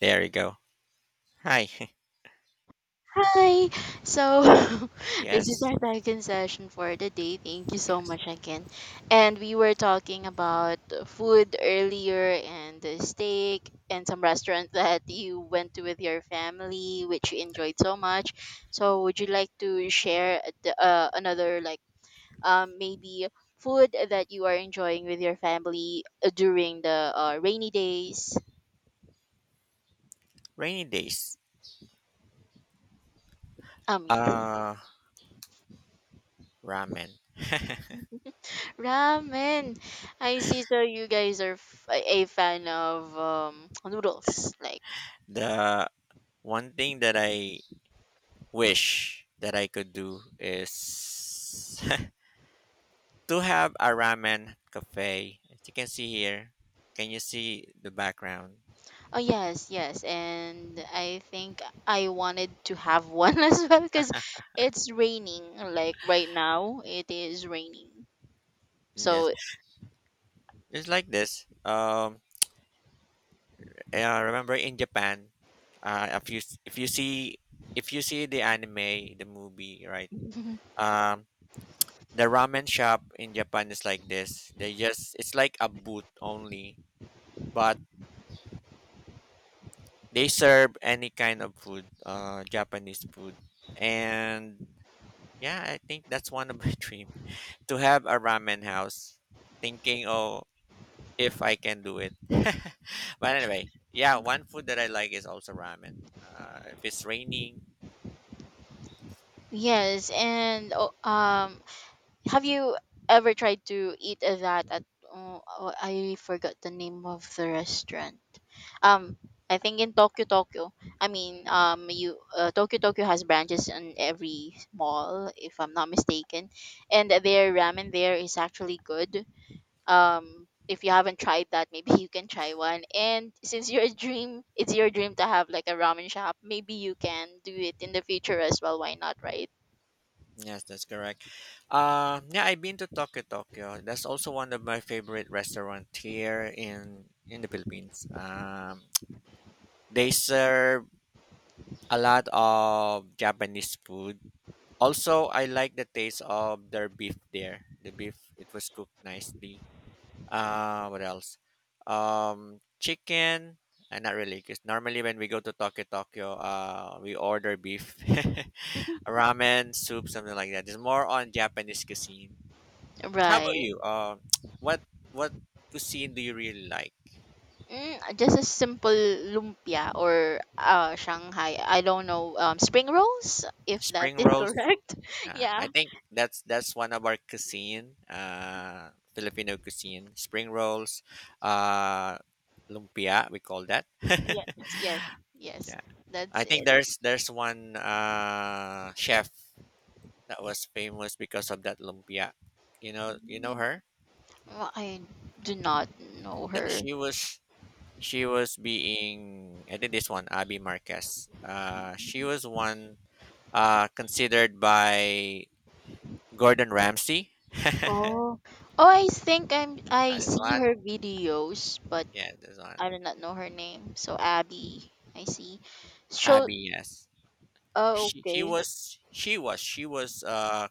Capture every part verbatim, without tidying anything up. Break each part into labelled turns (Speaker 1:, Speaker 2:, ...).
Speaker 1: There you go. Hi.
Speaker 2: Hi. So this is
Speaker 1: yes.
Speaker 2: our second session for the day. Thank you so
Speaker 1: Yes.
Speaker 2: much again. And we were talking about food earlier and the steak and some restaurant that you went to with your family, which you enjoyed so much. So would you like to share the, uh, another like um maybe food that you are enjoying with your family uh, during the uh, rainy days?
Speaker 1: Rainy days.
Speaker 2: Um yes.
Speaker 1: Uh Ramen.
Speaker 2: Ramen. I see. So you guys are f- a a fan of um, noodles. Like,
Speaker 1: The one thing that I wish that I could do is to have a ramen cafe. As you can see here, can you see the background?
Speaker 2: oh yes, yes. And I think I wanted to have one as well because it's raining. Like right now, it is raining.
Speaker 1: Yes.
Speaker 2: So
Speaker 1: It's like this. Um uh, remember in Japan, uh if you if you see if you see the anime, the movie, right? Um The ramen shop in Japan is like this. They just it's like a booth only, but they serve any kind of food, uh, Japanese food. And yeah, I think that's one of my dream to have a ramen house. Thinking, oh, if I can do it. but anyway, yeah, one food that I like is also ramen. Uh, if it's raining,
Speaker 2: yes. And oh, um, have you ever tried to eat that at? Oh, oh, I forgot the name of the restaurant. Um, I think in Tokyo, Tokyo. I mean, um, you uh, Tokyo, Tokyo has branches in every mall, if I'm not mistaken, and their ramen there is actually good. Um, if you haven't tried that, maybe you can try one. And since your dream, it's your dream to have like a ramen shop. Maybe you can do it in the future as well. Why not, right?
Speaker 1: yes, that's correct. Um, yeah, I've been to Tokyo, Tokyo. That's also one of my favorite restaurant here in in the Philippines. Um, they serve a lot of Japanese food. Also, I like the taste of their beef there. The beef, it was cooked nicely. Uh, what else? Um, chicken. Uh, not really, because normally when we go to Tokyo, Tokyo, uh, we order beef. ramen soup, something like that. It's more on Japanese cuisine. How about
Speaker 2: Right.
Speaker 1: you? Um, what what cuisine do you really like?
Speaker 2: Mm, just a simple lumpia or uh Shanghai. I don't know. Um, spring rolls, if that
Speaker 1: Spring
Speaker 2: is
Speaker 1: rolls.
Speaker 2: correct.
Speaker 1: Nah,
Speaker 2: yeah.
Speaker 1: I think that's that's one of our cuisine. Uh, Filipino cuisine. Spring rolls. Uh, lumpia. We call that.
Speaker 2: Yes, yes, yes.
Speaker 1: yeah.
Speaker 2: That's
Speaker 1: I think
Speaker 2: it.
Speaker 1: there's there's one uh chef that was famous because of that lumpia. You know you know
Speaker 2: Mm,
Speaker 1: her.
Speaker 2: well, I do not know
Speaker 1: That
Speaker 2: her.
Speaker 1: she was she was being I think this one Abby Marquez. Uh, she was one uh, considered by Gordon Ramsay.
Speaker 2: Oh, oh, I think I'm. I
Speaker 1: Uh, there's
Speaker 2: see
Speaker 1: one,
Speaker 2: her videos, but
Speaker 1: yeah, there's one.
Speaker 2: I do not know her name. So Abby, I see. Show.
Speaker 1: Abby, yes.
Speaker 2: Oh,
Speaker 1: She, she
Speaker 2: okay.
Speaker 1: was, she was, she was. Uh,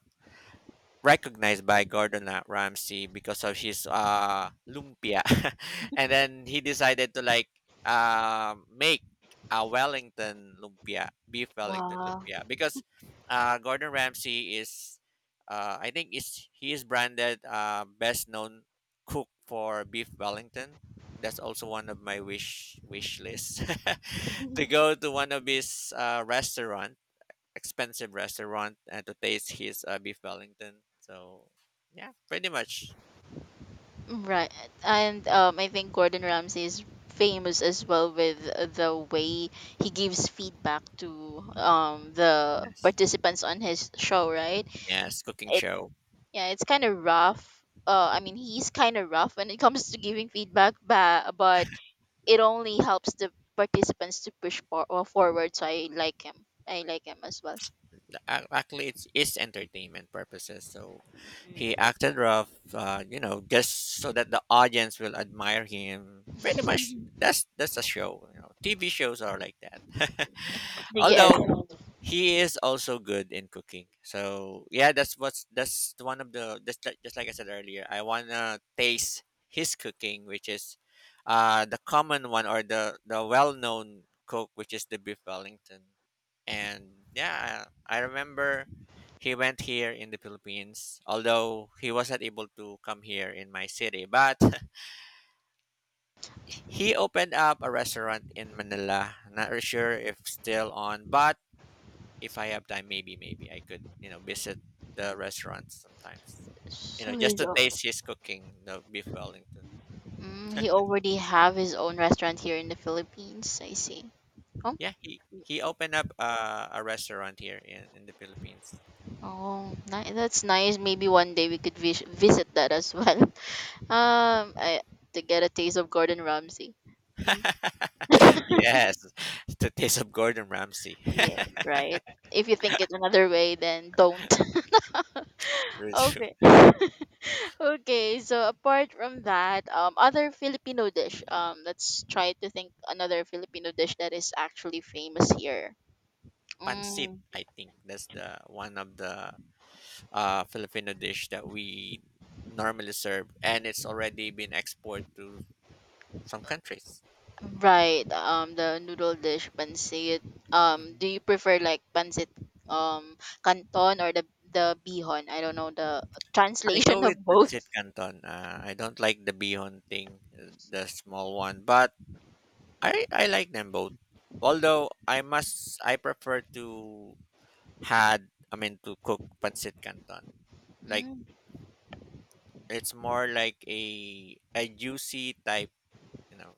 Speaker 1: recognized by Gordon uh, Ramsay because of his uh lumpia, and then he decided to like uh make a Wellington lumpia, beef Wellington
Speaker 2: Wow.
Speaker 1: lumpia, because uh Gordon Ramsay is uh I think is he is branded uh best known cook for beef Wellington. That's also one of my wish wish lists to go to one of his uh, restaurant expensive restaurant and to taste his uh, beef Wellington. So yeah, pretty much.
Speaker 2: Right. And um, I think Gordon Ramsay is famous as well with the way he gives feedback to um, the
Speaker 1: Yes.
Speaker 2: participants on his show, right?
Speaker 1: Yes, cooking show.
Speaker 2: Yeah, it's kind of rough. Uh, I mean, he's kind of rough when it comes to giving feedback, but, but it only helps the participants to push for, uh, forward. So I like him. I like him as well.
Speaker 1: The- ac- Actually, it's is entertainment purposes. So he acted rough, uh, you know, just so that the audience will admire him. Pretty much, that's that's a show. You know, T V shows are like that.
Speaker 2: yes.
Speaker 1: although he is also good in cooking. So yeah, that's what's that's one of the that's like, just like I said earlier. I wanna taste his cooking, which is uh the common one or the the well known cook, which is the beef Wellington. And yeah, I remember he went here in the Philippines, although he wasn't able to come here in my city. But he opened up a restaurant in Manila. Not really sure if still on, but if I have time, maybe maybe I could you know visit the restaurant sometimes, you know,
Speaker 2: So
Speaker 1: just
Speaker 2: he's,
Speaker 1: to
Speaker 2: al-
Speaker 1: taste his cooking, the beef Wellington.
Speaker 2: mm, he already have his own restaurant here in the Philippines. I see. Oh,
Speaker 1: Yeah, he he opened up uh, a restaurant here in in the Philippines.
Speaker 2: oh, ni- that's nice. Maybe one day we could vis- visit that as well. Um, I, to get a taste of Gordon Ramsay. Hmm.
Speaker 1: yes, the taste of Gordon Ramsay.
Speaker 2: Yes, right. If you think it another way, then don't.
Speaker 1: True, true.
Speaker 2: Okay. Okay, so apart from that, um, other Filipino dish. Um, let's try to think another Filipino dish that is actually famous here.
Speaker 1: Pancit,
Speaker 2: Mm,
Speaker 1: I think that's the one of the uh, Filipino dish that we normally serve, and it's already been exported to some countries.
Speaker 2: right. Um, the noodle dish, pancit. Um,
Speaker 1: Mhm.
Speaker 2: do you prefer like pancit, um, canton or the the bihon? I don't know the
Speaker 1: I
Speaker 2: translation
Speaker 1: go
Speaker 2: of
Speaker 1: with
Speaker 2: both.
Speaker 1: pancit canton. Uh, I don't like the bihon thing, uh, the small one, but I I like them both. Although I must I prefer to had I mean to cook pancit canton. Like
Speaker 2: Mm,
Speaker 1: it's more like a a juicy type, you know.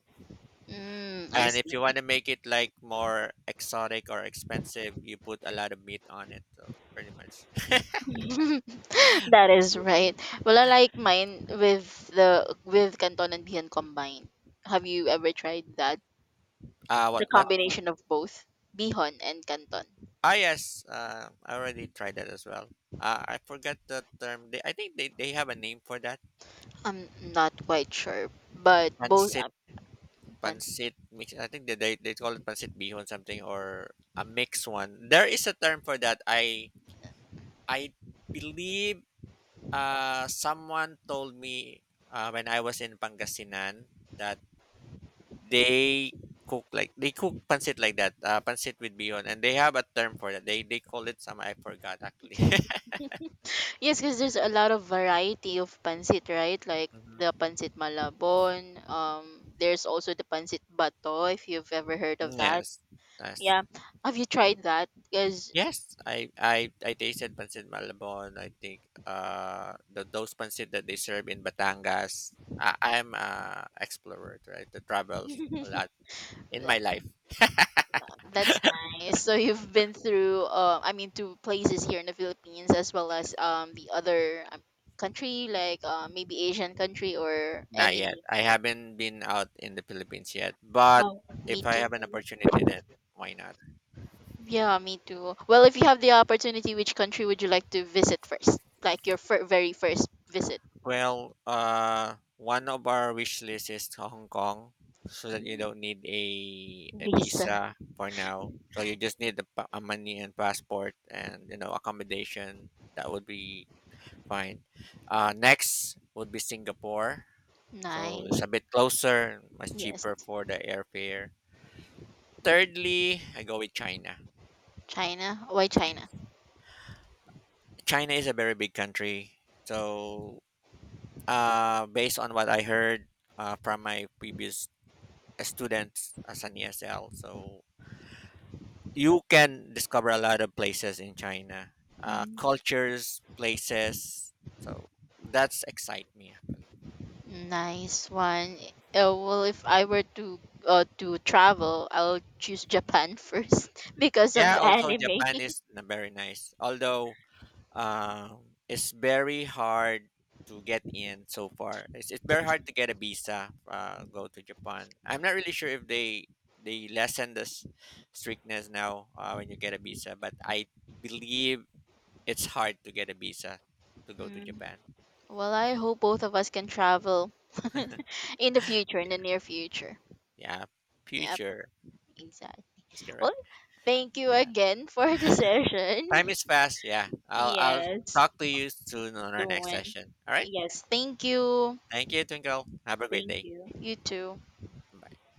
Speaker 2: mm, I
Speaker 1: And if you want
Speaker 2: see.
Speaker 1: to make it like more exotic or expensive, you put a lot of meat on it. So pretty much.
Speaker 2: That is
Speaker 1: Yep.
Speaker 2: right. Well, I like mine with the with Canton and Bihan combined. Have you ever tried that?
Speaker 1: Uh
Speaker 2: The
Speaker 1: what what
Speaker 2: combination of both Bihan and Canton.
Speaker 1: Ah, yes. Uh, I already tried that as well. Uh, I forgot the term. They, I think they, they have a name for that.
Speaker 2: I'm not quite sure, but both uh,
Speaker 1: Pancit,
Speaker 2: pancit.
Speaker 1: pancit mix. I think that they, they call it pancit bihon something or a mixed one. There is a term for that. I I believe uh someone told me uh, when I was in Pangasinan that they cook like they cook pancit like that. Uh, pancit with bihon, and they have a term for that. They they call it some. I forgot actually.
Speaker 2: Yes, because there's a lot of variety of pancit, right? Like
Speaker 1: hmm.
Speaker 2: the pancit malabon. Um, there's also the pancit bato. If you've ever heard of that,
Speaker 1: Yes. Yes.
Speaker 2: yeah. Have you tried that? Because
Speaker 1: Yes, I I I tasted pancit Malabon. I think uh the those pancit that they serve in Batangas. I, I'm a explorer, right? I travel a lot in my life.
Speaker 2: That's nice. So you've been through, uh, I mean, to places here in the Philippines as well as um the other um, country, like uh, maybe Asian country or
Speaker 1: Not yet.
Speaker 2: any.
Speaker 1: I haven't been out in the Philippines yet, but
Speaker 2: Oh, me
Speaker 1: if I
Speaker 2: too.
Speaker 1: have an opportunity, then why not?
Speaker 2: Yeah, me too. Well, if you have the opportunity, which country would you like to visit first? Like your fir- very first visit?
Speaker 1: Well, uh, one of our wish list is to Hong Kong, so that you
Speaker 2: Mm,
Speaker 1: don't need a, a
Speaker 2: Lisa.
Speaker 1: visa for now. So you just need the pa- uh, money and passport and you know accommodation. That would be fine. Uh, next would be Singapore. So
Speaker 2: Nice.
Speaker 1: it's a bit closer, much
Speaker 2: Yes.
Speaker 1: cheaper for the airfare. Thirdly, I go with China.
Speaker 2: China. Why China?
Speaker 1: China is a very big country. So uh, based on what I heard uh, from my previous students as an E S L. So you can discover a lot of places in China, uh,
Speaker 2: Mhm.
Speaker 1: cultures, places. So that's excite me actually.
Speaker 2: Nice one. Uh, well, if I were to uh, to travel, I'll choose Japan first because of
Speaker 1: Yeah, also
Speaker 2: anime.
Speaker 1: Japan is n- very nice, although um, it's very hard to get in so far. It's, it's very hard to get a visa. Uh, go to Japan. I'm not really sure if they they lessen the s- strictness now uh, when you get a visa, but I believe it's hard to get a visa to go to
Speaker 2: Mm.
Speaker 1: Japan.
Speaker 2: Well, I hope both of us can travel in the future, in
Speaker 1: Yeah,
Speaker 2: the near future.
Speaker 1: Yeah,
Speaker 2: Yep,
Speaker 1: future.
Speaker 2: exactly.
Speaker 1: That's
Speaker 2: Well,
Speaker 1: correct.
Speaker 2: thank you
Speaker 1: Yeah.
Speaker 2: again for the
Speaker 1: Time
Speaker 2: session.
Speaker 1: is fast. Yeah, I'll I'll
Speaker 2: Yes,
Speaker 1: talk to you soon on
Speaker 2: the
Speaker 1: our next
Speaker 2: one.
Speaker 1: session. All right.
Speaker 2: Yes, thank you.
Speaker 1: Thank you, Twinkle. Have a great
Speaker 2: Thank
Speaker 1: day.
Speaker 2: you. You too.
Speaker 1: Bye.